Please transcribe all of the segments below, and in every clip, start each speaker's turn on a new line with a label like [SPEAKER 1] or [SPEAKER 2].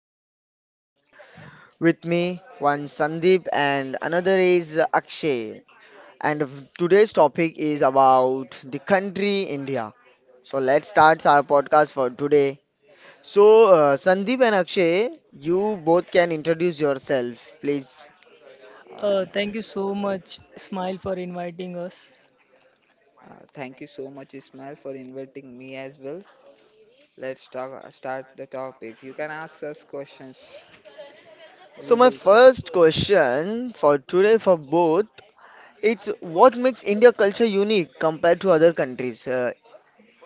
[SPEAKER 1] my two friends are here with me one Sandeep, and another is Akshay. And today's topic is about the country India. So, let's start our podcast for today. So, Sandeep and Akshay, you both can introduce yourself, please.
[SPEAKER 2] Uh,
[SPEAKER 3] Thank you so much, Smile, for inviting us.
[SPEAKER 2] Thank you so much, Ismail, for inviting me as well. Let's start the topic. You can ask us questions.
[SPEAKER 1] So,
[SPEAKER 2] We
[SPEAKER 1] my
[SPEAKER 2] will.
[SPEAKER 1] first question for today for both. It's what makes India culture unique compared to other countries.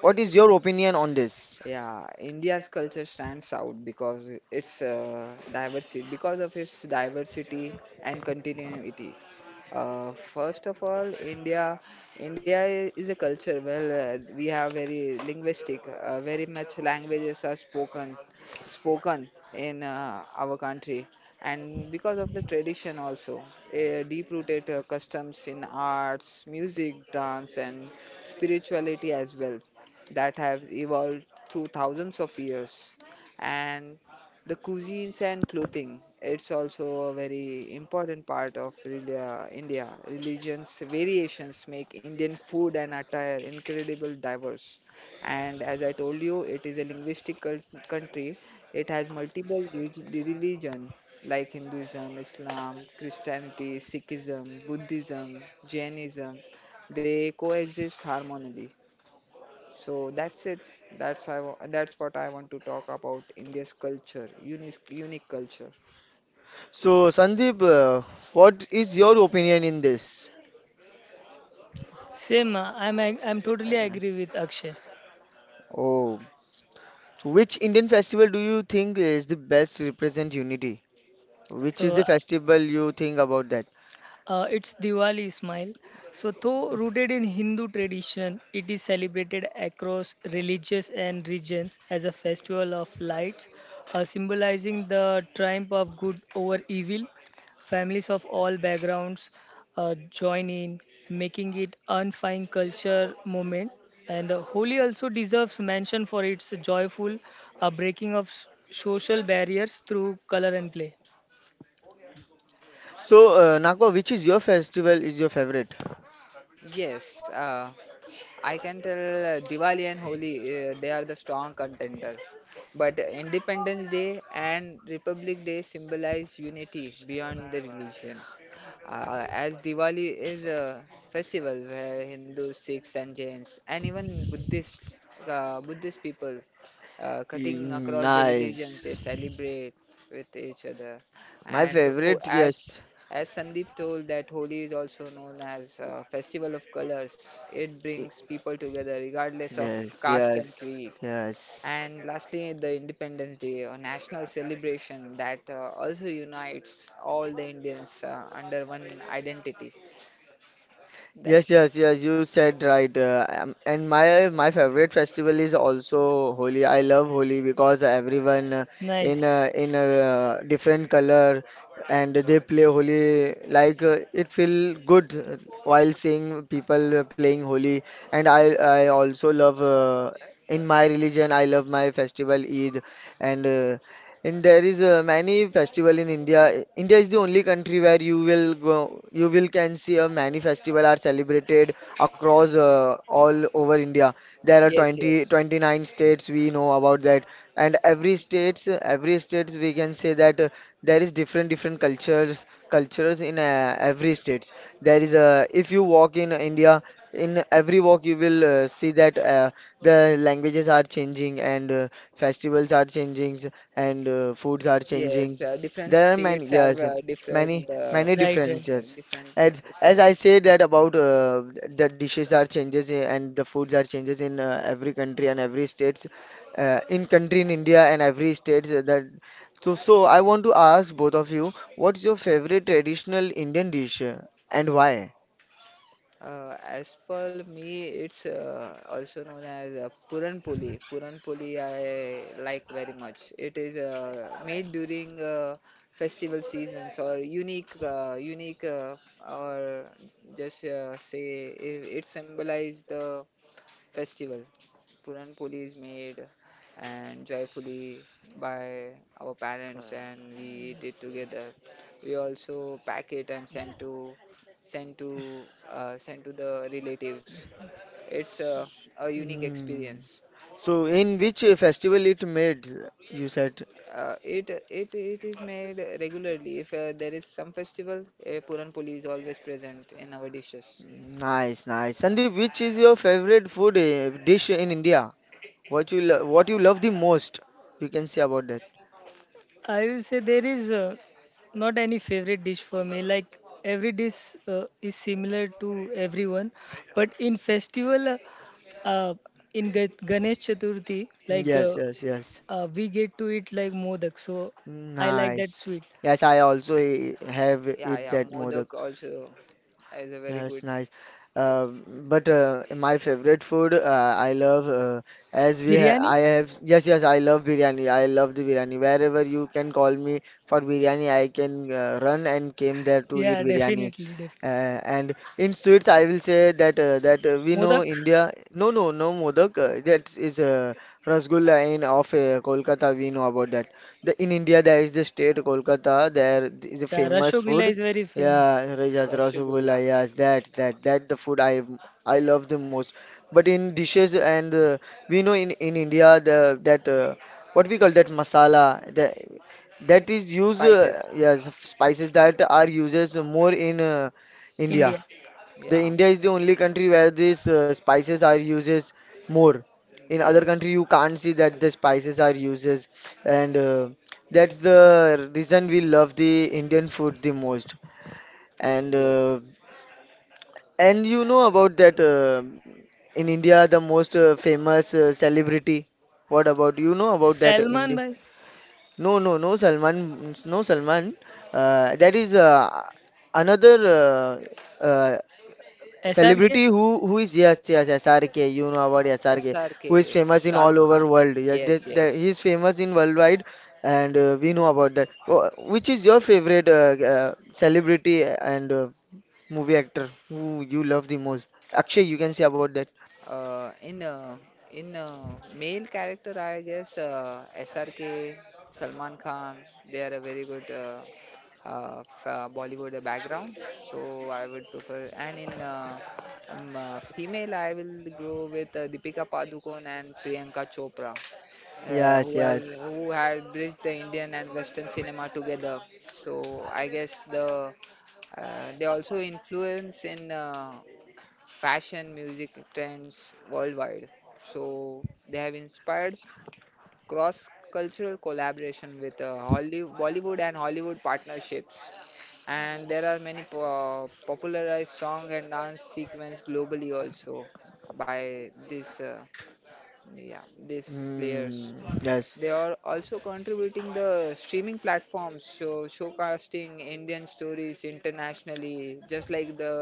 [SPEAKER 1] What is your opinion on this?
[SPEAKER 2] Yeah, India's culture stands out because of its diversity and continuity. First of all, is a culture. Well, we have very linguistic, very much languages are spoken in our country, and because of the tradition also, deep-rooted customs in arts, music, dance, and spirituality as well, that have evolved through thousands of years. And the cuisines and clothing. It's also a very important part of India. Religions variations make Indian food and attire incredibly diverse. And as I told you, it is a linguistic country. It has multiple religion like Hinduism, Islam, Christianity, Sikhism, Buddhism, Jainism. They coexist harmoniously. So that's it. That's what I want to talk about India's culture, unique culture.
[SPEAKER 1] So, Sandeep, what is your opinion in this?
[SPEAKER 3] Same, I'm totally
[SPEAKER 1] Uh,
[SPEAKER 3] agree with Akshay.
[SPEAKER 1] oh, so which Indian festival do you think is the best represent unity? Which is
[SPEAKER 3] Uh,
[SPEAKER 1] the festival you think about that?
[SPEAKER 3] It's Diwali smile. So, though rooted in Hindu tradition, it is celebrated across religious and regions as a festival of lights, symbolizing the triumph of good over evil. Families of all backgrounds join in, making it unifying culture moment. And Holi also deserves mention for its joyful breaking of social barriers through color and play.
[SPEAKER 1] So, Nakwa, which is your festival is your favorite?
[SPEAKER 2] Yes, I can tell Diwali and Holi, they are the strong contender. But Independence Day and Republic Day symbolize unity beyond the religion. As Diwali is a festival where Hindus, Sikhs, and Jains, and even Buddhists, Buddhist people, cutting
[SPEAKER 1] Mm.
[SPEAKER 2] across the religions,
[SPEAKER 1] Nice.
[SPEAKER 2] they celebrate with each other.
[SPEAKER 1] My
[SPEAKER 2] And ho-
[SPEAKER 1] favorite,
[SPEAKER 2] as
[SPEAKER 1] yes.
[SPEAKER 2] as Sandeep told, that Holi is also known as a festival of colors. It
[SPEAKER 1] Y-
[SPEAKER 2] brings people together regardless of
[SPEAKER 1] Yes,
[SPEAKER 2] caste and
[SPEAKER 1] yes,
[SPEAKER 2] creed.
[SPEAKER 1] yes.
[SPEAKER 2] And lastly, the Independence Day, a national celebration that also unites all the Indians under one identity.
[SPEAKER 1] Yes,
[SPEAKER 2] That's
[SPEAKER 1] yes, yes. You said right. And my favorite festival is also Holi. I love Holi because everyone, in
[SPEAKER 3] Nice,
[SPEAKER 1] a, in a uh, different color and they play Holi. Like, it feel good, while seeing people, playing Holi. And I also love, in my religion I love my festival Eid, and uh, and there is many festival in India. India is the only country where you will go, you will can see a many festival are celebrated across, all over India. There are
[SPEAKER 2] Yes,
[SPEAKER 1] 20
[SPEAKER 2] yes.
[SPEAKER 1] 29 states we know about that, and every states we can say that, there is different cultures in, every states. There is a If you walk in India, in every walk you will, see that, the languages are changing, and, festivals are changing, and, foods are changing.
[SPEAKER 2] Yes, different
[SPEAKER 1] There are
[SPEAKER 2] states
[SPEAKER 1] many,
[SPEAKER 2] have
[SPEAKER 1] yes,
[SPEAKER 2] different
[SPEAKER 1] many, many
[SPEAKER 3] right,
[SPEAKER 1] differences,
[SPEAKER 3] right.
[SPEAKER 1] yes.
[SPEAKER 2] different
[SPEAKER 1] As I
[SPEAKER 2] festivals.
[SPEAKER 1] said that about, the dishes are changes, and the foods are changes in, every country and every states. In country in India and every states, that. So I want to ask both of you, what's your favorite traditional Indian dish, and why?
[SPEAKER 2] As for me, it's also known as Puran Poli. Puran Poli I like very much. It is made during festival seasons or or just say it, it symbolizes the festival. Puran Poli is made and joyfully by our parents, and we eat it together. We also pack it and send to the relatives. It's a unique
[SPEAKER 1] Mm.
[SPEAKER 2] experience.
[SPEAKER 1] So in which, festival it made? You said.
[SPEAKER 2] It is made regularly. If there is some festival, Puran Poli is always present in our dishes.
[SPEAKER 1] Nice, nice.
[SPEAKER 2] Yeah,
[SPEAKER 1] Sandeep, which is your favorite dish in India? What you love the most? You can say about that.
[SPEAKER 3] I will say there is not any favorite dish for me. Like every dish is similar to everyone, but in festival, uh, uh, in Ganesh Chaturthi, like
[SPEAKER 1] Yes,
[SPEAKER 3] uh,
[SPEAKER 1] yes, yes.
[SPEAKER 3] uh, we get to eat like modak. So I like that
[SPEAKER 1] Nice.
[SPEAKER 3] sweet.
[SPEAKER 1] Yes, I also, have
[SPEAKER 2] yeah,
[SPEAKER 1] eat
[SPEAKER 2] yeah.
[SPEAKER 1] that modak.
[SPEAKER 2] Modak also is a very
[SPEAKER 1] Yeah, it's
[SPEAKER 2] good.
[SPEAKER 1] nice. But, my favorite food, I love, as we ha
[SPEAKER 3] Biryani,
[SPEAKER 1] I have, yes, yes, I love biryani. I love the biryani. Wherever you can call me for biryani, I can, run and came there to eat
[SPEAKER 3] yeah,
[SPEAKER 1] biryani.
[SPEAKER 3] definitely, definitely.
[SPEAKER 1] And in sweets, I will say that, we know
[SPEAKER 3] Modak,
[SPEAKER 1] India. No, no, no Modak. That is, Rasgulla in of, Kolkata. We know about that. In India there is the state Kolkata. There is a famous
[SPEAKER 3] Rasgulla
[SPEAKER 1] food,
[SPEAKER 3] is very famous,
[SPEAKER 1] yeah,
[SPEAKER 2] Rasgulla,
[SPEAKER 1] Rasgulla, yes, that the food I love the most. But in dishes and, we know in India the that, what we call that masala that is used,
[SPEAKER 2] spices.
[SPEAKER 1] yes spices that are uses more in, India.
[SPEAKER 3] India.
[SPEAKER 1] The
[SPEAKER 2] Yeah.
[SPEAKER 1] India is the only country where these, spices are uses more. In other
[SPEAKER 2] Yes.
[SPEAKER 1] country you can't see that the spices are uses, and that's the reason we love the Indian food the most. And
[SPEAKER 2] Yes.
[SPEAKER 1] uh, and you know about that, in India the most, famous, celebrity. What about you know about that
[SPEAKER 3] Salman
[SPEAKER 1] India?
[SPEAKER 3] by
[SPEAKER 1] No, no, no Salman, no Salman. That is, another, uh, uh,
[SPEAKER 3] SRK,
[SPEAKER 1] celebrity who is, yes, yes, SRK. You know about SRK,
[SPEAKER 2] SRK,
[SPEAKER 1] who is famous in all
[SPEAKER 2] Shahrukh
[SPEAKER 1] over
[SPEAKER 2] Khan.
[SPEAKER 1] world. Yeah,
[SPEAKER 2] Yes, yes.
[SPEAKER 1] he is famous in worldwide, and, we know about that. Which is your favorite, celebrity and, movie actor who you love the most. Akshay, you can say about that.
[SPEAKER 2] Uh, in uh, in male character, I guess SRK, Salman Khan, they are a very good Bollywood background. So I would prefer. And in female, I will go with Deepika Padukone and Priyanka Chopra,
[SPEAKER 1] Yes, yes.
[SPEAKER 2] who had bridged the Indian and Western cinema together. So I guess the they also influence in fashion, music trends worldwide. So they have inspired cross cultural collaboration with Bollywood and Hollywood partnerships. And there are many popularized song and dance sequence globally also by this yeah these players.
[SPEAKER 1] Hmm, yes.
[SPEAKER 2] They are also contributing the streaming platforms, so showcasting Indian stories internationally, just like the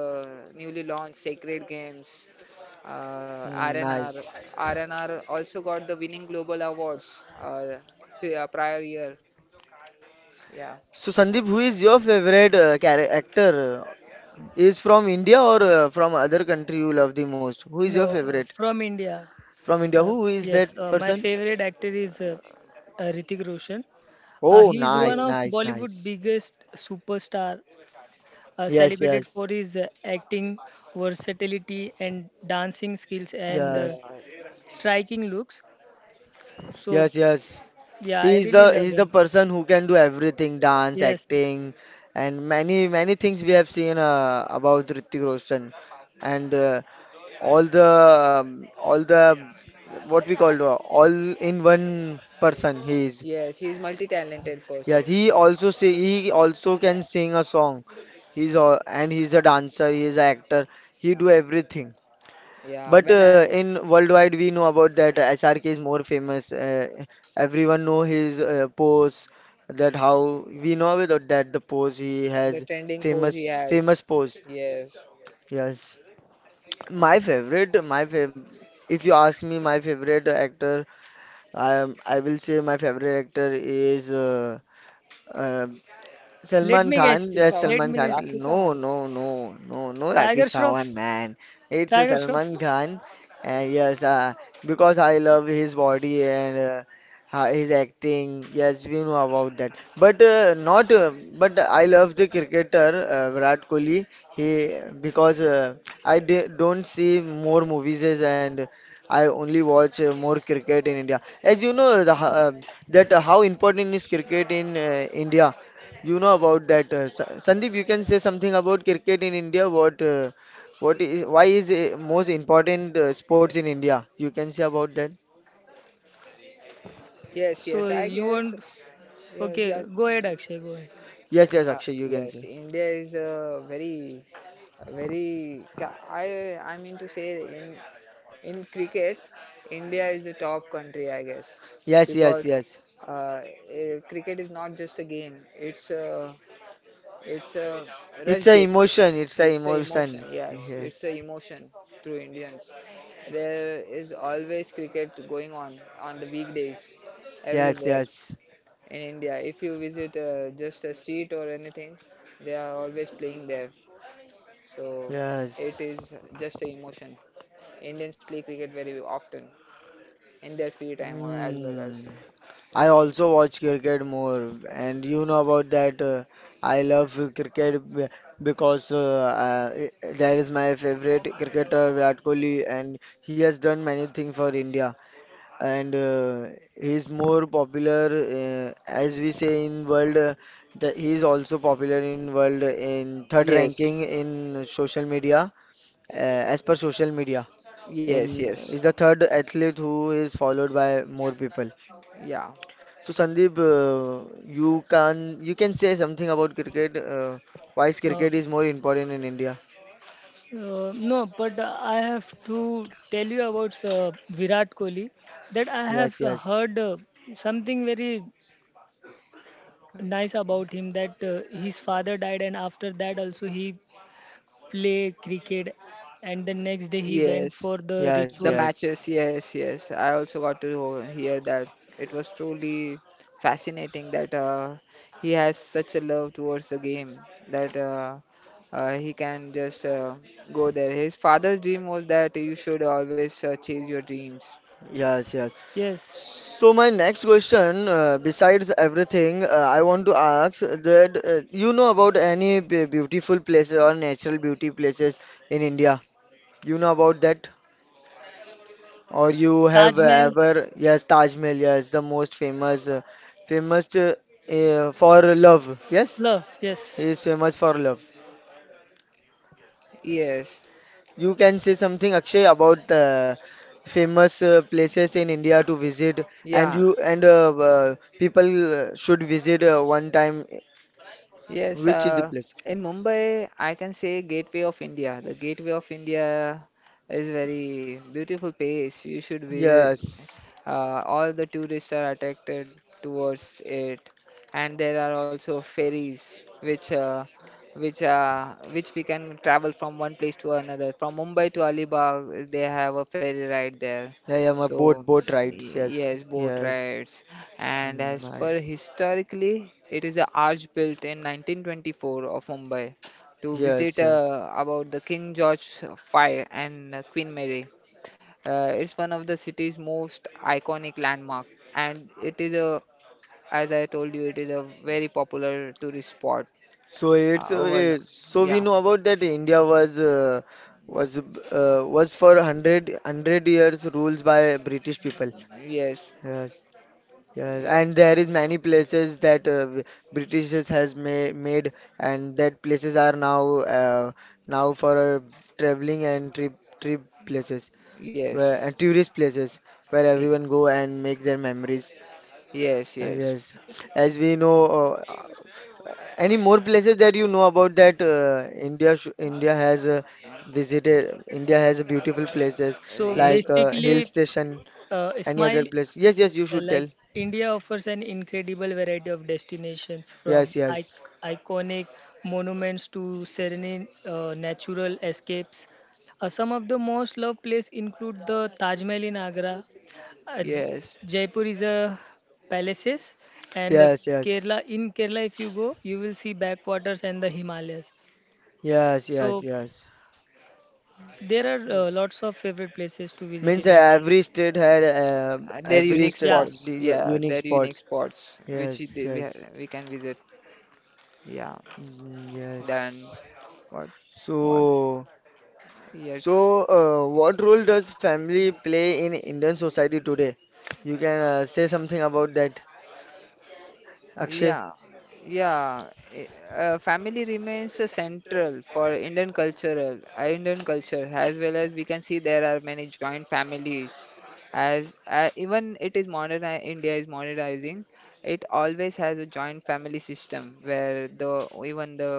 [SPEAKER 2] newly launched Sacred Games,
[SPEAKER 1] Hmm, nice.
[SPEAKER 2] RNR. RNR also got the winning global awards prior year. Yeah.
[SPEAKER 1] So Sandeep, who is your favorite, actor? Is from India or, from other country you love the most? Who is your
[SPEAKER 3] no,
[SPEAKER 1] favorite
[SPEAKER 3] from India.
[SPEAKER 1] from India?
[SPEAKER 3] Uh,
[SPEAKER 1] Who is
[SPEAKER 3] yes,
[SPEAKER 1] that
[SPEAKER 3] my
[SPEAKER 1] person?
[SPEAKER 3] favorite actor is Hrithik Roshan.
[SPEAKER 1] Oh,
[SPEAKER 3] He is one
[SPEAKER 1] nice,
[SPEAKER 2] Oh,
[SPEAKER 3] of
[SPEAKER 1] nice,
[SPEAKER 3] Bollywood's
[SPEAKER 1] nice.
[SPEAKER 3] biggest superstar,
[SPEAKER 1] Yes,
[SPEAKER 3] celebrated
[SPEAKER 1] yes.
[SPEAKER 3] for his acting versatility and dancing skills and
[SPEAKER 1] Yes,
[SPEAKER 2] yeah.
[SPEAKER 3] striking looks. So
[SPEAKER 1] yes, yes.
[SPEAKER 3] yeah, I
[SPEAKER 1] He's
[SPEAKER 3] really
[SPEAKER 1] the
[SPEAKER 3] love
[SPEAKER 1] he's the
[SPEAKER 3] him.
[SPEAKER 1] person who can do everything, dance,
[SPEAKER 3] Yes.
[SPEAKER 1] acting, and many things we have seen, about Hrithik Roshan, and, all the all the what we call all in one person he is.
[SPEAKER 2] Yes, he's multi-talented
[SPEAKER 1] Yes,
[SPEAKER 2] person.
[SPEAKER 1] he also say he also can sing a song. He's all, and he's a dancer. He's an actor. He do everything.
[SPEAKER 2] Yeah,
[SPEAKER 1] But,
[SPEAKER 2] when I,
[SPEAKER 1] in worldwide, we know about that SRK is more famous. Everyone know his, pose. That how we know about that the pose he
[SPEAKER 2] the
[SPEAKER 1] has
[SPEAKER 2] trending pose
[SPEAKER 1] famous
[SPEAKER 2] he has.
[SPEAKER 1] famous pose.
[SPEAKER 2] Yes.
[SPEAKER 1] Yes, my favorite, my fav. If you ask me, my favorite actor, I will say my favorite actor is, uh,
[SPEAKER 3] Let
[SPEAKER 1] Salman
[SPEAKER 3] me guess.
[SPEAKER 2] Rakhi
[SPEAKER 1] Khan, yes,
[SPEAKER 2] Sawant.
[SPEAKER 3] Let
[SPEAKER 1] Salman
[SPEAKER 3] me
[SPEAKER 1] Khan.
[SPEAKER 3] guess.
[SPEAKER 2] Rakhi
[SPEAKER 1] No,
[SPEAKER 2] Sawant.
[SPEAKER 1] no, no, no, no,
[SPEAKER 3] Tiger
[SPEAKER 1] Rakesh Sawan,
[SPEAKER 3] Shroff.
[SPEAKER 1] man. It's a
[SPEAKER 3] Tiger Shroff.
[SPEAKER 1] Salman Khan. Yes, because I love his body and, his acting. Yes, we know about that. But, not. But I love the cricketer, Virat Kohli. He Because, I d don't see more movies and I only watch, more cricket in India. As you know, that, how important is cricket in, India. You know about that, Sandeep. You can say something about cricket in India. What is Why is it most important, sports in India? You can say about that.
[SPEAKER 2] Yes,
[SPEAKER 3] So
[SPEAKER 2] yes, I
[SPEAKER 3] you
[SPEAKER 2] guess.
[SPEAKER 3] want?
[SPEAKER 2] Yes,
[SPEAKER 3] Okay,
[SPEAKER 2] yeah.
[SPEAKER 3] go ahead, Akshay. Go ahead.
[SPEAKER 1] Yes, yes, Akshay. You can
[SPEAKER 2] Yes,
[SPEAKER 1] say.
[SPEAKER 2] India is a very, very. Ca- I mean to say in cricket, India is the top country, I guess,
[SPEAKER 1] Yes, yes,
[SPEAKER 2] because
[SPEAKER 1] yes.
[SPEAKER 2] uh, cricket is not just a game. It's a
[SPEAKER 1] It's
[SPEAKER 2] rush
[SPEAKER 1] a
[SPEAKER 2] game.
[SPEAKER 1] emotion. It's a
[SPEAKER 2] It's a emotion.
[SPEAKER 1] emotion.
[SPEAKER 2] Yes, it's a
[SPEAKER 1] Yes,
[SPEAKER 2] emotion through Indians. There is always cricket going on the weekdays
[SPEAKER 1] yes,
[SPEAKER 2] everywhere
[SPEAKER 1] yes,
[SPEAKER 2] in India. If you visit just a street or anything, they are always playing there. So it
[SPEAKER 1] yes.
[SPEAKER 2] is just a emotion. Indians play cricket very often in their free time or as well as.
[SPEAKER 1] Hmm. I also watch cricket more, and you know about that. I love, cricket, because, there is my favorite cricketer Virat Kohli, and he has done many things for India, and he is more popular, as we say in world. He is also popular in world in third
[SPEAKER 2] Yes,
[SPEAKER 1] ranking in social media, uh, as per social media in
[SPEAKER 2] yes, yes.
[SPEAKER 1] is the third athlete who is followed by more people.
[SPEAKER 2] Yeah.
[SPEAKER 1] So Sandeep, you can say something about cricket. Why is
[SPEAKER 3] Uh,
[SPEAKER 1] cricket is more important in India?
[SPEAKER 3] No, but I have to tell you about Virat Kohli that I
[SPEAKER 1] Yes,
[SPEAKER 3] have
[SPEAKER 1] yes,
[SPEAKER 3] heard something very nice about him, that his father died, and after that also he play cricket, and the next day he went
[SPEAKER 2] Yes,
[SPEAKER 3] for the
[SPEAKER 1] yes,
[SPEAKER 2] the
[SPEAKER 3] rituals.
[SPEAKER 1] yes,
[SPEAKER 2] matches, yes, yes. I also got to hear that. It was truly fascinating that he has such a love towards the game that he can just go there. His father's dream was that you should always chase your dreams.
[SPEAKER 1] yes, yes.
[SPEAKER 3] Yes,
[SPEAKER 1] So my next question, besides everything, I want to ask that, you know about any, beautiful places or natural beauty places in India? You know about that? Or you
[SPEAKER 3] Taj
[SPEAKER 1] have
[SPEAKER 3] Mahal,
[SPEAKER 1] ever, yes, Taj Mahal, yes, the most famous, famous uh, for love. Yes,
[SPEAKER 3] love.
[SPEAKER 1] he is
[SPEAKER 3] Yes.
[SPEAKER 1] famous for love.
[SPEAKER 2] Yes,
[SPEAKER 1] You can say something, Akshay, about the famous, places in India to visit, and
[SPEAKER 2] yeah.
[SPEAKER 1] you and people, should visit, one time.
[SPEAKER 2] Yes,
[SPEAKER 1] Which is the place?
[SPEAKER 2] in Mumbai, I can say Gateway of India. The Gateway of India is very beautiful place.
[SPEAKER 1] Yes,
[SPEAKER 2] All the tourists are attracted towards it, and there are also ferries which we can travel from one place to another. From Mumbai to Alibag, they have a ferry ride there.
[SPEAKER 1] I am a boat
[SPEAKER 2] So,
[SPEAKER 1] boat rides. Yes,
[SPEAKER 2] yes, boat
[SPEAKER 1] yes.
[SPEAKER 2] rides. And
[SPEAKER 1] Mm,
[SPEAKER 2] as per
[SPEAKER 1] nice.
[SPEAKER 2] historically, it is a arch built in 1924 of Mumbai to visit
[SPEAKER 1] Yes, yes.
[SPEAKER 2] about the King George Fire and Queen Mary. It's one of the city's most iconic landmark, and as I told you, it is a very popular tourist spot
[SPEAKER 1] So it's uh,
[SPEAKER 2] over.
[SPEAKER 1] eh, so we
[SPEAKER 2] Yeah,
[SPEAKER 1] know about that India was, was was for hundred hundred years ruled by British people.
[SPEAKER 2] yes.
[SPEAKER 1] Yes, yes.
[SPEAKER 2] Yeah.
[SPEAKER 1] And there is many places that, Britishers has ma made and that places are now, uh, now for, traveling and trip places where
[SPEAKER 2] Yes.
[SPEAKER 1] and tourist places where
[SPEAKER 2] Y-
[SPEAKER 1] everyone go and make their memories,
[SPEAKER 2] Yes, yes.
[SPEAKER 1] yes, as we know, any more places that you know about that, India sh India has, visited. India has beautiful places
[SPEAKER 3] So
[SPEAKER 1] like,
[SPEAKER 2] In
[SPEAKER 1] hill
[SPEAKER 3] basically,
[SPEAKER 1] station. Any
[SPEAKER 3] Ismail,
[SPEAKER 1] other place? Yes, yes, you
[SPEAKER 3] Uh,
[SPEAKER 1] should tell.
[SPEAKER 3] like India offers an incredible variety of destinations from
[SPEAKER 1] Yes, yes,
[SPEAKER 3] iconic monuments to serene natural escapes. Some of the most loved places include the Taj Mahal in Agra, uh,
[SPEAKER 2] yes.
[SPEAKER 3] J- Jaipur is a palaces, and
[SPEAKER 1] yes, yes,
[SPEAKER 3] Kerala. In Kerala, if you go, you will see backwaters and the Himalayas.
[SPEAKER 1] yes,
[SPEAKER 3] So
[SPEAKER 1] yes, yes.
[SPEAKER 3] there are
[SPEAKER 2] Yeah.
[SPEAKER 3] lots of favorite places to visit
[SPEAKER 1] Means,
[SPEAKER 3] in India.
[SPEAKER 2] They're
[SPEAKER 1] every
[SPEAKER 2] unique
[SPEAKER 1] state,
[SPEAKER 3] Yeah.
[SPEAKER 2] spots.
[SPEAKER 1] the,
[SPEAKER 2] Yeah,
[SPEAKER 1] unique
[SPEAKER 2] they're unique
[SPEAKER 1] spots.
[SPEAKER 2] spots which I-
[SPEAKER 1] Yes,
[SPEAKER 2] they, we, ha-
[SPEAKER 1] yes.
[SPEAKER 2] we can visit. Yeah.
[SPEAKER 1] Mm, yes.
[SPEAKER 2] Then what? What?
[SPEAKER 1] So.
[SPEAKER 2] Yes.
[SPEAKER 1] So, what role does family play in Indian society today? You can, say something about that, Akshay.
[SPEAKER 2] Yeah, yeah. Family remains central for Indian culture, as well as we can see there are many joint families. As even it is modern, India is modernizing. It always has a joint family system where the even the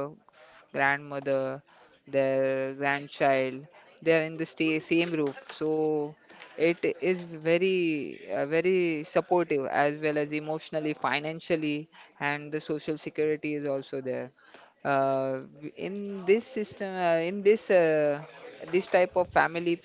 [SPEAKER 2] grandmother, their grandchild, they are in the sta same roof. So it is very supportive as well as emotionally, financially, and the social security is also there. Uh, in this system, in this this type of family,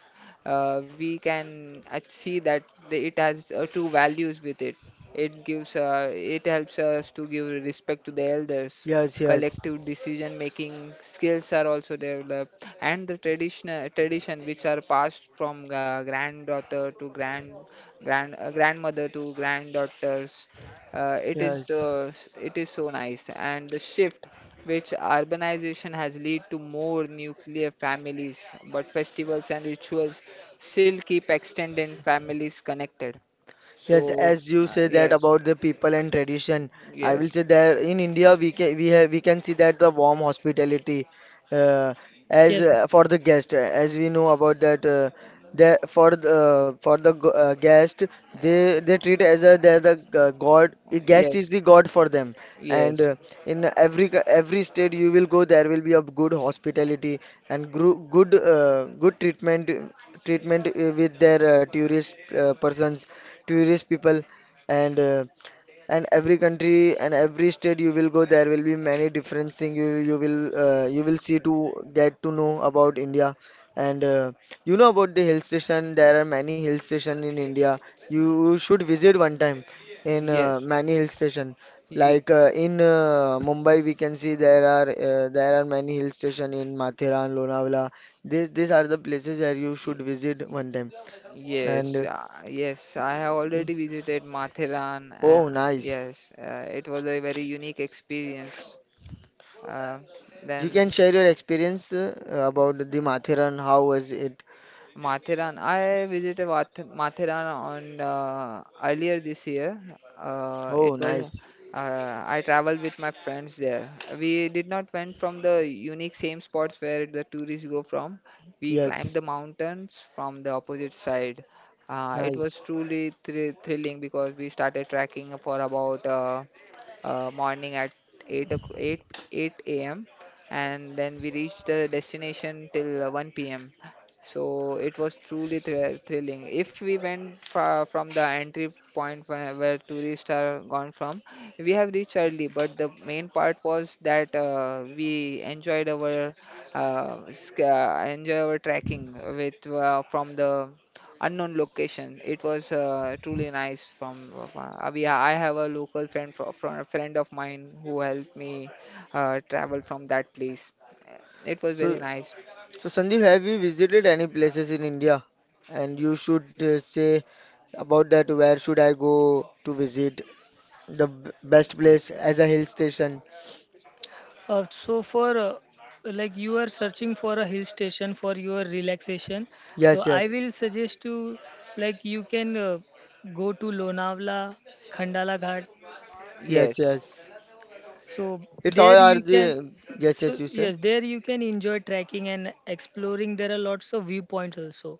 [SPEAKER 2] we can see that it has true values with it helps us to give respect to the elders.
[SPEAKER 1] Yes, yes,
[SPEAKER 2] Collective decision making skills are also developed, and the traditional tradition which are passed from granddaughter to grandmother to granddaughters. Uh, it is the
[SPEAKER 1] yes.
[SPEAKER 2] it is so nice, and the shift which urbanization has led to more nuclear families, but festivals and rituals still keep extended families connected.
[SPEAKER 1] Yes,
[SPEAKER 2] So,
[SPEAKER 1] as you say that
[SPEAKER 2] yes,
[SPEAKER 1] about the people and tradition, I will
[SPEAKER 2] yes,
[SPEAKER 1] say that in India we can see that the warm hospitality, uh, as
[SPEAKER 2] uh,
[SPEAKER 3] Yes.
[SPEAKER 1] for the guest, as we know about that, the for the guest, they treat as a, they're the, god, a guest is
[SPEAKER 2] yes,
[SPEAKER 1] the god for them, and,
[SPEAKER 2] yes,
[SPEAKER 1] in every, every state you will go there will be a good hospitality, and, good, good treatment, with their, tourist, persons, tourist people, and uh, and every country and every state you will go there will be many different thing you will, see to get to know about India, and you know about the hill station, there are many hill station in India, you should visit one time in,
[SPEAKER 2] yes.
[SPEAKER 1] many hill station,
[SPEAKER 2] y- y-
[SPEAKER 1] like, in Mumbai we can see there are many hill station in Mathera and Lonavala. These are the places where you should visit one time, and,
[SPEAKER 2] Yes, yes, I have already visited Mathiran.
[SPEAKER 1] oh, nice.
[SPEAKER 2] Yes, it was a very unique experience. Uh,
[SPEAKER 1] You
[SPEAKER 2] then
[SPEAKER 1] can share your experience, about the Mathiran. How was it?
[SPEAKER 2] Matheran. I visited Matheran on earlier this year.
[SPEAKER 1] Oh,
[SPEAKER 2] It was
[SPEAKER 1] nice.
[SPEAKER 2] I traveled with my friends there. We did not went from the unique same spots where the tourists go from. We climbed
[SPEAKER 1] Yes,
[SPEAKER 2] the mountains from the opposite side. It
[SPEAKER 1] nice.
[SPEAKER 2] was truly thrilling because we started trekking for about morning at 8 o'c- 8 8 a.m. and then we reached the destination till 1 p.m. So it was truly thrilling. If we went from the entry point where tourists are gone from, we have reached early. But the main part was that we enjoy our trekking with from the unknown location. It was truly nice. I have a local friend from a friend of mine who helped me travel from that place. It was very
[SPEAKER 1] So,
[SPEAKER 2] nice.
[SPEAKER 1] so Sandeep, have you visited any places in India? And you should say about that. Where should I go to visit? The best place as a hill station?
[SPEAKER 3] So for like you are searching for a hill station for your relaxation, so
[SPEAKER 1] Yes,
[SPEAKER 3] I
[SPEAKER 1] yes,
[SPEAKER 3] will suggest to like you can go to Lonavala, Khandala Ghat.
[SPEAKER 1] yes,
[SPEAKER 2] Yes,
[SPEAKER 1] yes.
[SPEAKER 3] So
[SPEAKER 1] It's all
[SPEAKER 3] there
[SPEAKER 1] are
[SPEAKER 3] you can
[SPEAKER 1] the yes, yes.
[SPEAKER 3] so
[SPEAKER 1] You say.
[SPEAKER 3] yes there you can enjoy trekking and exploring. There are lots of viewpoints also.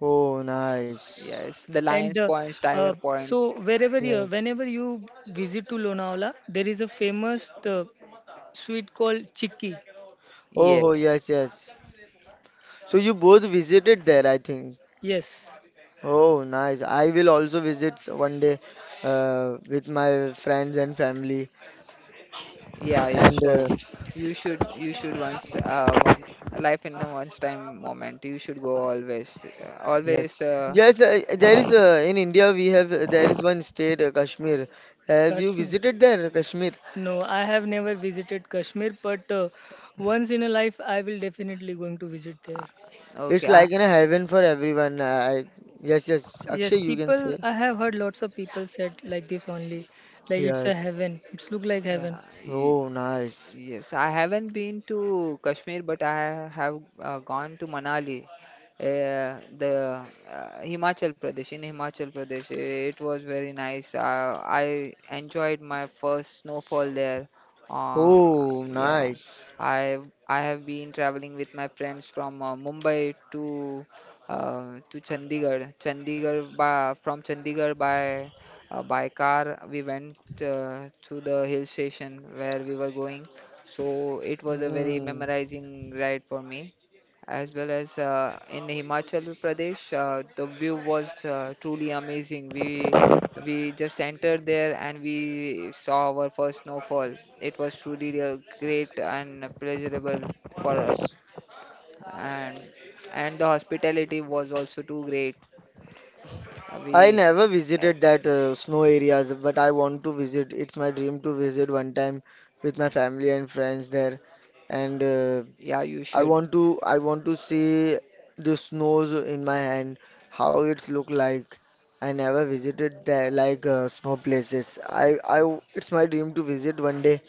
[SPEAKER 1] Oh, nice.
[SPEAKER 2] yes. The
[SPEAKER 3] And
[SPEAKER 2] Lions Point, Tiger
[SPEAKER 3] so
[SPEAKER 2] Point.
[SPEAKER 3] wherever you
[SPEAKER 1] Yes.
[SPEAKER 3] whenever you visit to Lonavala, there is a famous sweet called Chikki.
[SPEAKER 1] Oh, oh,
[SPEAKER 2] Yes,
[SPEAKER 1] yes, yes. So you both visited there, I think.
[SPEAKER 3] Yes,
[SPEAKER 1] Oh, nice. I will also visit one day with my friends and family.
[SPEAKER 2] yeah, yeah.
[SPEAKER 1] And
[SPEAKER 2] Sure. You should once, one a life in a once time moment. You should go always.
[SPEAKER 1] yes,
[SPEAKER 2] Always.
[SPEAKER 1] yes, there is in India we have there is one state, Kashmir. Have you
[SPEAKER 3] Kashmir.
[SPEAKER 1] visited there, Kashmir?
[SPEAKER 3] No, I have never visited Kashmir, but once in a life I will definitely going to visit there.
[SPEAKER 2] Uh, okay,
[SPEAKER 1] It's like in a heaven for everyone. Yes, yes,
[SPEAKER 3] Yes,
[SPEAKER 1] Akshay, you can
[SPEAKER 3] people
[SPEAKER 1] say.
[SPEAKER 3] I have heard lots of people said like this only, like it's a
[SPEAKER 1] Yes.
[SPEAKER 3] heaven. It's look like heaven.
[SPEAKER 2] yeah.
[SPEAKER 1] Oh, nice.
[SPEAKER 2] Yes, I haven't been to Kashmir, but I have gone to Manali, the Himachal Pradesh. In Himachal Pradesh, it was very nice. I enjoyed my first snowfall there. Uh,
[SPEAKER 1] Oh,
[SPEAKER 2] yeah,
[SPEAKER 1] nice.
[SPEAKER 2] I I have been traveling with my friends from Mumbai to Chandigarh. From Chandigarh by car, we went to the hill station where we were going, so it was a very
[SPEAKER 1] Mm.
[SPEAKER 2] memorizing ride for me. As well as in Himachal Pradesh, the view was truly amazing. We just entered there and we saw our first snowfall. It was truly a great and pleasurable for us, and and the hospitality was also too great. Uh,
[SPEAKER 1] I
[SPEAKER 2] We,
[SPEAKER 1] never visited that snow areas, but I want to visit. It's my dream to visit one time with my family and friends there. And
[SPEAKER 2] yeah, you
[SPEAKER 1] I
[SPEAKER 2] should.
[SPEAKER 1] want to I want to see the snows in my hand, how it's look like. I never visited there like snow places. It's my dream to visit one day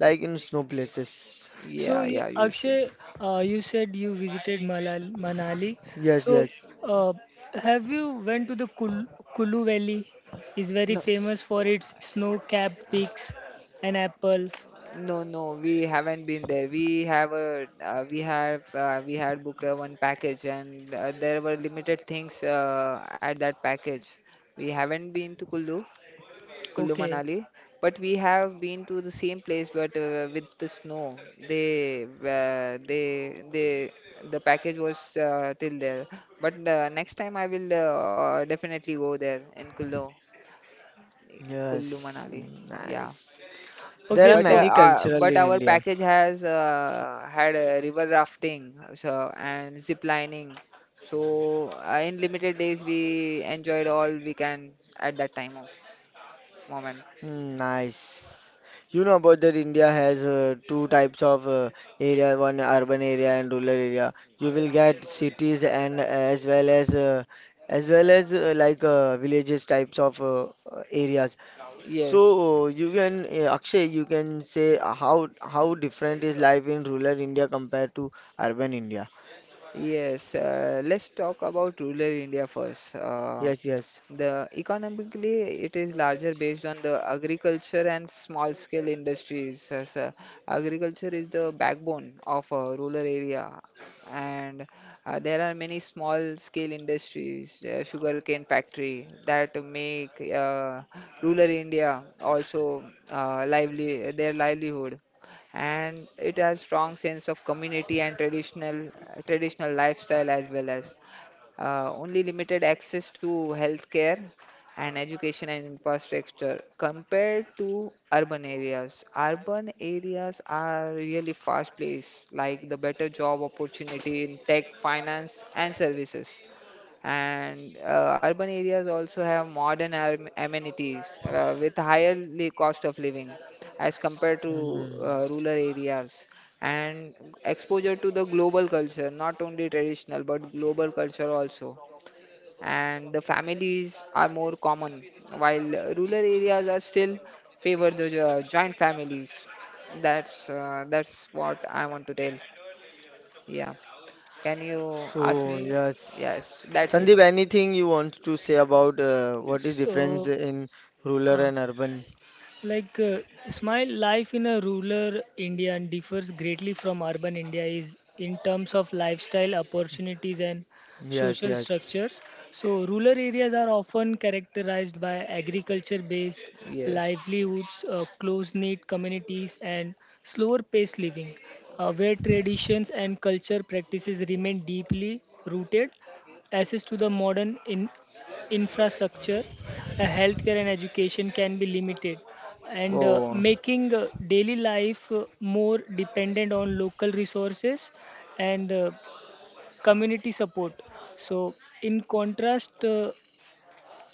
[SPEAKER 1] like in snow places.
[SPEAKER 2] Yeah, yeah, you should.
[SPEAKER 3] Akshay, you said you visited Manali.
[SPEAKER 1] Yes,
[SPEAKER 3] So
[SPEAKER 1] yes.
[SPEAKER 3] uh, have you went to the Kulu Valley? Is very
[SPEAKER 2] No.
[SPEAKER 3] famous for its snow-capped peaks and apples.
[SPEAKER 2] No, no, we haven't been there. We have a we have We had booked one package, and there were limited things at that package. We haven't been to Kullu
[SPEAKER 3] Okay.
[SPEAKER 2] Manali, but we have been to the same place, but with the snow. They uh, they they the package was till there. But next time I will definitely go there in Kullu
[SPEAKER 1] Yes,
[SPEAKER 2] Manali. Yeah.
[SPEAKER 1] nice. There
[SPEAKER 3] Okay,
[SPEAKER 1] are
[SPEAKER 2] But
[SPEAKER 3] so
[SPEAKER 2] uh,
[SPEAKER 1] many
[SPEAKER 2] uh,
[SPEAKER 1] cultural in
[SPEAKER 2] but our
[SPEAKER 1] India.
[SPEAKER 2] package has had river rafting so and zip lining. So in limited days we enjoyed all we can at that time of moment.
[SPEAKER 1] Mm, nice. You know about that India has two types of area, one urban area and rural area. You will get cities and as well as like villages types of areas. So
[SPEAKER 2] Yes.
[SPEAKER 1] you can Akshay, you can say uh, how different is life in rural India compared to urban India?
[SPEAKER 2] Yes, let's talk about rural India first.
[SPEAKER 1] Yes, yes.
[SPEAKER 2] The Economically, it is larger based on the agriculture and small scale industries. Agriculture is the backbone of a rural area, and there are many small scale industries, sugarcane factory that make rural India also lively their livelihood, and it has strong sense of community and traditional lifestyle as well as only limited access to healthcare and education and infrastructure compared to urban areas. Urban areas are really fast place, like the better job opportunity in tech finance and services, and urban areas also have modern amenities with higher cost of living as compared to
[SPEAKER 1] Hmm.
[SPEAKER 2] rural areas, and exposure to the global culture not only traditional but global culture also, and the families are more common while rural areas are still favor the joint families. That's what I want to tell. Yeah. Can you ask
[SPEAKER 1] So
[SPEAKER 2] me?
[SPEAKER 1] yes,
[SPEAKER 2] Yes, that's it.
[SPEAKER 1] Sandeep, anything you want to say about what is
[SPEAKER 3] so
[SPEAKER 1] difference in rural
[SPEAKER 3] uh,
[SPEAKER 1] and urban?
[SPEAKER 3] Like smile life in a rural India and differs greatly from urban India is in terms of lifestyle opportunities and
[SPEAKER 1] Yes,
[SPEAKER 3] social
[SPEAKER 1] yes.
[SPEAKER 3] structures. So rural areas are often characterized by agriculture based
[SPEAKER 2] Yes.
[SPEAKER 3] livelihoods, close knit communities and slower paced living where traditions and culture practices remain deeply rooted, access to the modern in infrastructure, healthcare and education can be limited, and
[SPEAKER 1] Oh,
[SPEAKER 3] making daily life more dependent on local resources and community support. So in contrast, uh,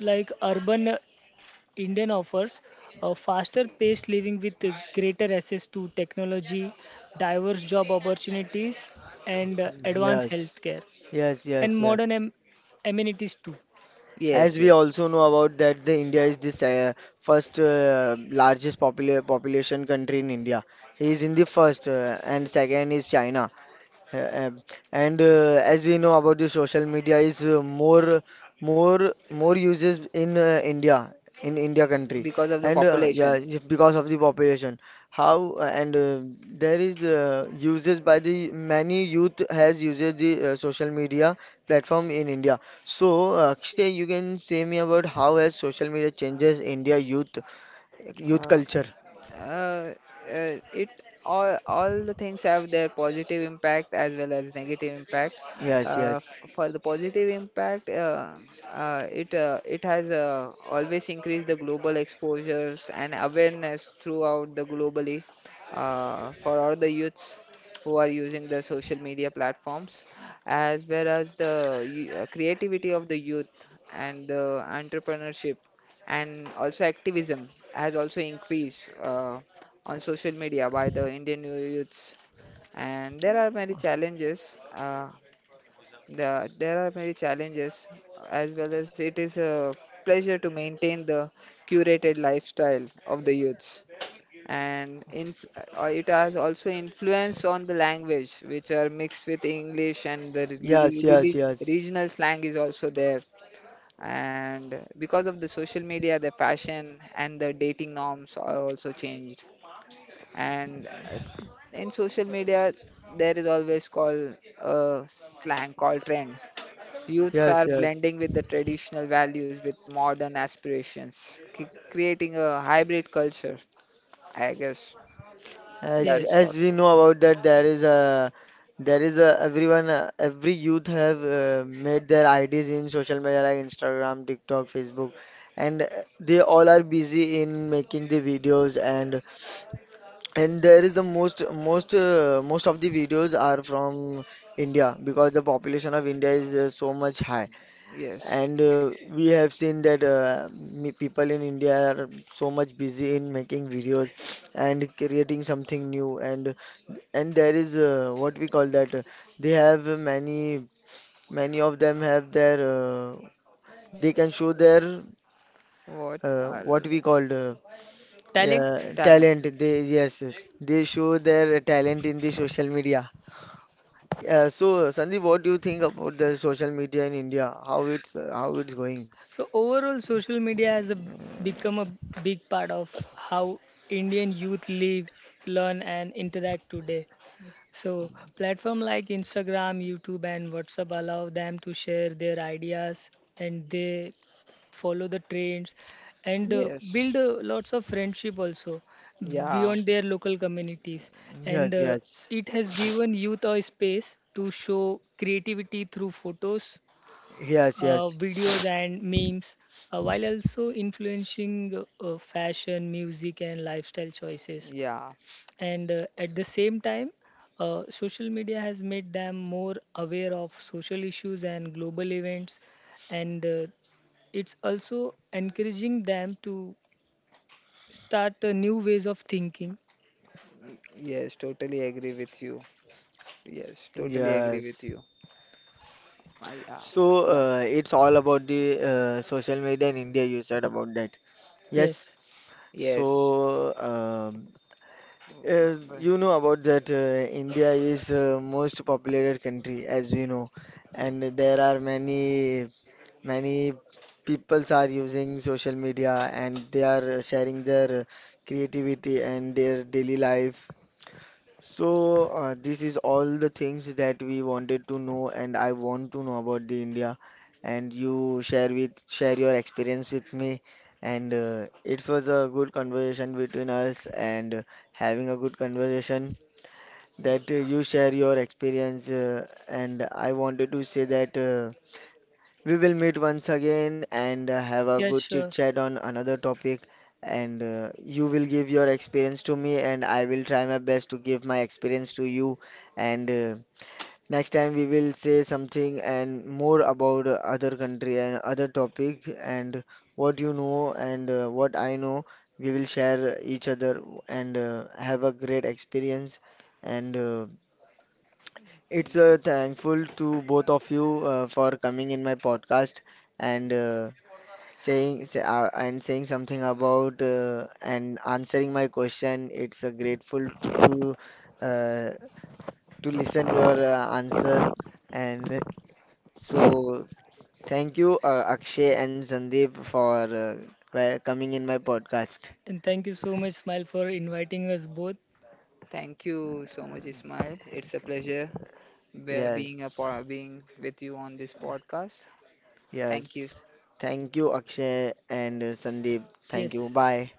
[SPEAKER 3] like urban uh, indian offers a faster paced living with greater access to technology, diverse job opportunities, and advanced
[SPEAKER 1] yes,
[SPEAKER 3] healthcare
[SPEAKER 1] yes,
[SPEAKER 3] and
[SPEAKER 1] yes,
[SPEAKER 3] modern
[SPEAKER 1] yes.
[SPEAKER 3] amenities too.
[SPEAKER 2] Yes,
[SPEAKER 1] As we
[SPEAKER 2] yes,
[SPEAKER 1] also know about that, the India is this first largest population country in India. He is in the first, and second is China. Uh, uh, and as we know about the social media is more uses in India in India country
[SPEAKER 2] because of the
[SPEAKER 1] and
[SPEAKER 2] population.
[SPEAKER 1] because of the population how and there is uses by the many youth has uses the social media platform in India. So Akshay, you can say me about how has social media changes India youth
[SPEAKER 2] Uh,
[SPEAKER 1] culture.
[SPEAKER 2] uh, it all the things have their positive impact as well as negative impact.
[SPEAKER 1] Yes, yes,
[SPEAKER 2] For the positive impact, it has always increased the global exposures and awareness throughout the globally for all the youths who are using the social media platforms, as well as the creativity of the youth and the entrepreneurship, and also activism has also increased on social media by the Indian youths. And there are many challenges. There are many challenges, as well as it is a pleasure to maintain the curated lifestyle of the youths. And inf- it has also influence on the language, which are mixed with English, and the
[SPEAKER 1] yes, yes, yes,
[SPEAKER 2] regional slang is also there, and because of the social media the fashion and the dating norms are also changed. And in social media there is always called a slang called trend. Youths
[SPEAKER 1] yes,
[SPEAKER 2] are
[SPEAKER 1] yes.
[SPEAKER 2] blending with the traditional values with modern aspirations, creating a hybrid culture, I guess. That's
[SPEAKER 3] Yes,
[SPEAKER 2] what.
[SPEAKER 1] As we know about that, there is a everyone every youth have made their IDs in social media like Instagram, TikTok, Facebook, and they all are busy in making the videos and there is the most of the videos are from India because the population of India is so much high.
[SPEAKER 2] Yes.
[SPEAKER 1] And we have seen that people in India are so much busy in making videos and creating something new. And there is what we call that they have uh, many of them have their they can show their
[SPEAKER 2] What,
[SPEAKER 1] what we called
[SPEAKER 3] talent.
[SPEAKER 1] yeah,
[SPEAKER 2] talent.
[SPEAKER 1] talent. They yes they show their talent in the social media. Yeah, so Sandeep, what do you think about the social media in India? How it's going?
[SPEAKER 3] So overall, social media has become a big part of how Indian youth live, learn, and interact today. So platform like Instagram, YouTube, and WhatsApp allow them to share their ideas, and they follow the trends and build
[SPEAKER 2] Yes,
[SPEAKER 3] lots of friendship also
[SPEAKER 2] yeah,
[SPEAKER 3] beyond their local communities, and
[SPEAKER 1] Yes, yes.
[SPEAKER 3] it has given youth a space to show creativity through photos,
[SPEAKER 1] Yes, yes,
[SPEAKER 3] videos and memes, while also influencing fashion, music, and lifestyle choices.
[SPEAKER 2] yeah.
[SPEAKER 3] And at the same time, social media has made them more aware of social issues and global events, and it's also encouraging them to start new ways of thinking.
[SPEAKER 2] Yes, totally agree with you. Yes, totally agree with
[SPEAKER 1] yes.
[SPEAKER 2] you. I So,
[SPEAKER 1] So
[SPEAKER 2] yeah.
[SPEAKER 1] it's all about the social media in India. You said about that.
[SPEAKER 3] Yes,
[SPEAKER 1] Yes.
[SPEAKER 2] Yes.
[SPEAKER 1] So
[SPEAKER 2] Oh, uh,
[SPEAKER 1] you know about that. India is most populated country, as we know, and there are many peoples are using social media and they are sharing their creativity and their daily life. So, this is all the things that we wanted to know, and I want to know about the India. And you share your experience with me. And it was a good conversation between us, and having a good conversation
[SPEAKER 2] eh,
[SPEAKER 1] that you share your experience. And I wanted to say that. We will meet once again and have a
[SPEAKER 3] yes,
[SPEAKER 1] good chit
[SPEAKER 3] sure.
[SPEAKER 1] chat on another topic. And you will give your experience to me, and I will try my best to give my experience to you. And next time we will say something and more about other country and other topic and what you know and what I know. We will share each other and have a great experience. And it's thankful to both of you for coming in my podcast and and saying something about and answering my question. It's grateful uh, to listen your answer. And so thank you Akshay and Sandeep uh, for coming in my podcast.
[SPEAKER 3] And thank you so much, Smile, for inviting us both.
[SPEAKER 2] Thank you so much, Ismail. It's a pleasure being
[SPEAKER 1] Yes,
[SPEAKER 2] being with you on this podcast.
[SPEAKER 1] yes.
[SPEAKER 2] Thank you.
[SPEAKER 1] Thank you Akshay and Sandeep. Thank you.
[SPEAKER 3] Yes.
[SPEAKER 1] Bye.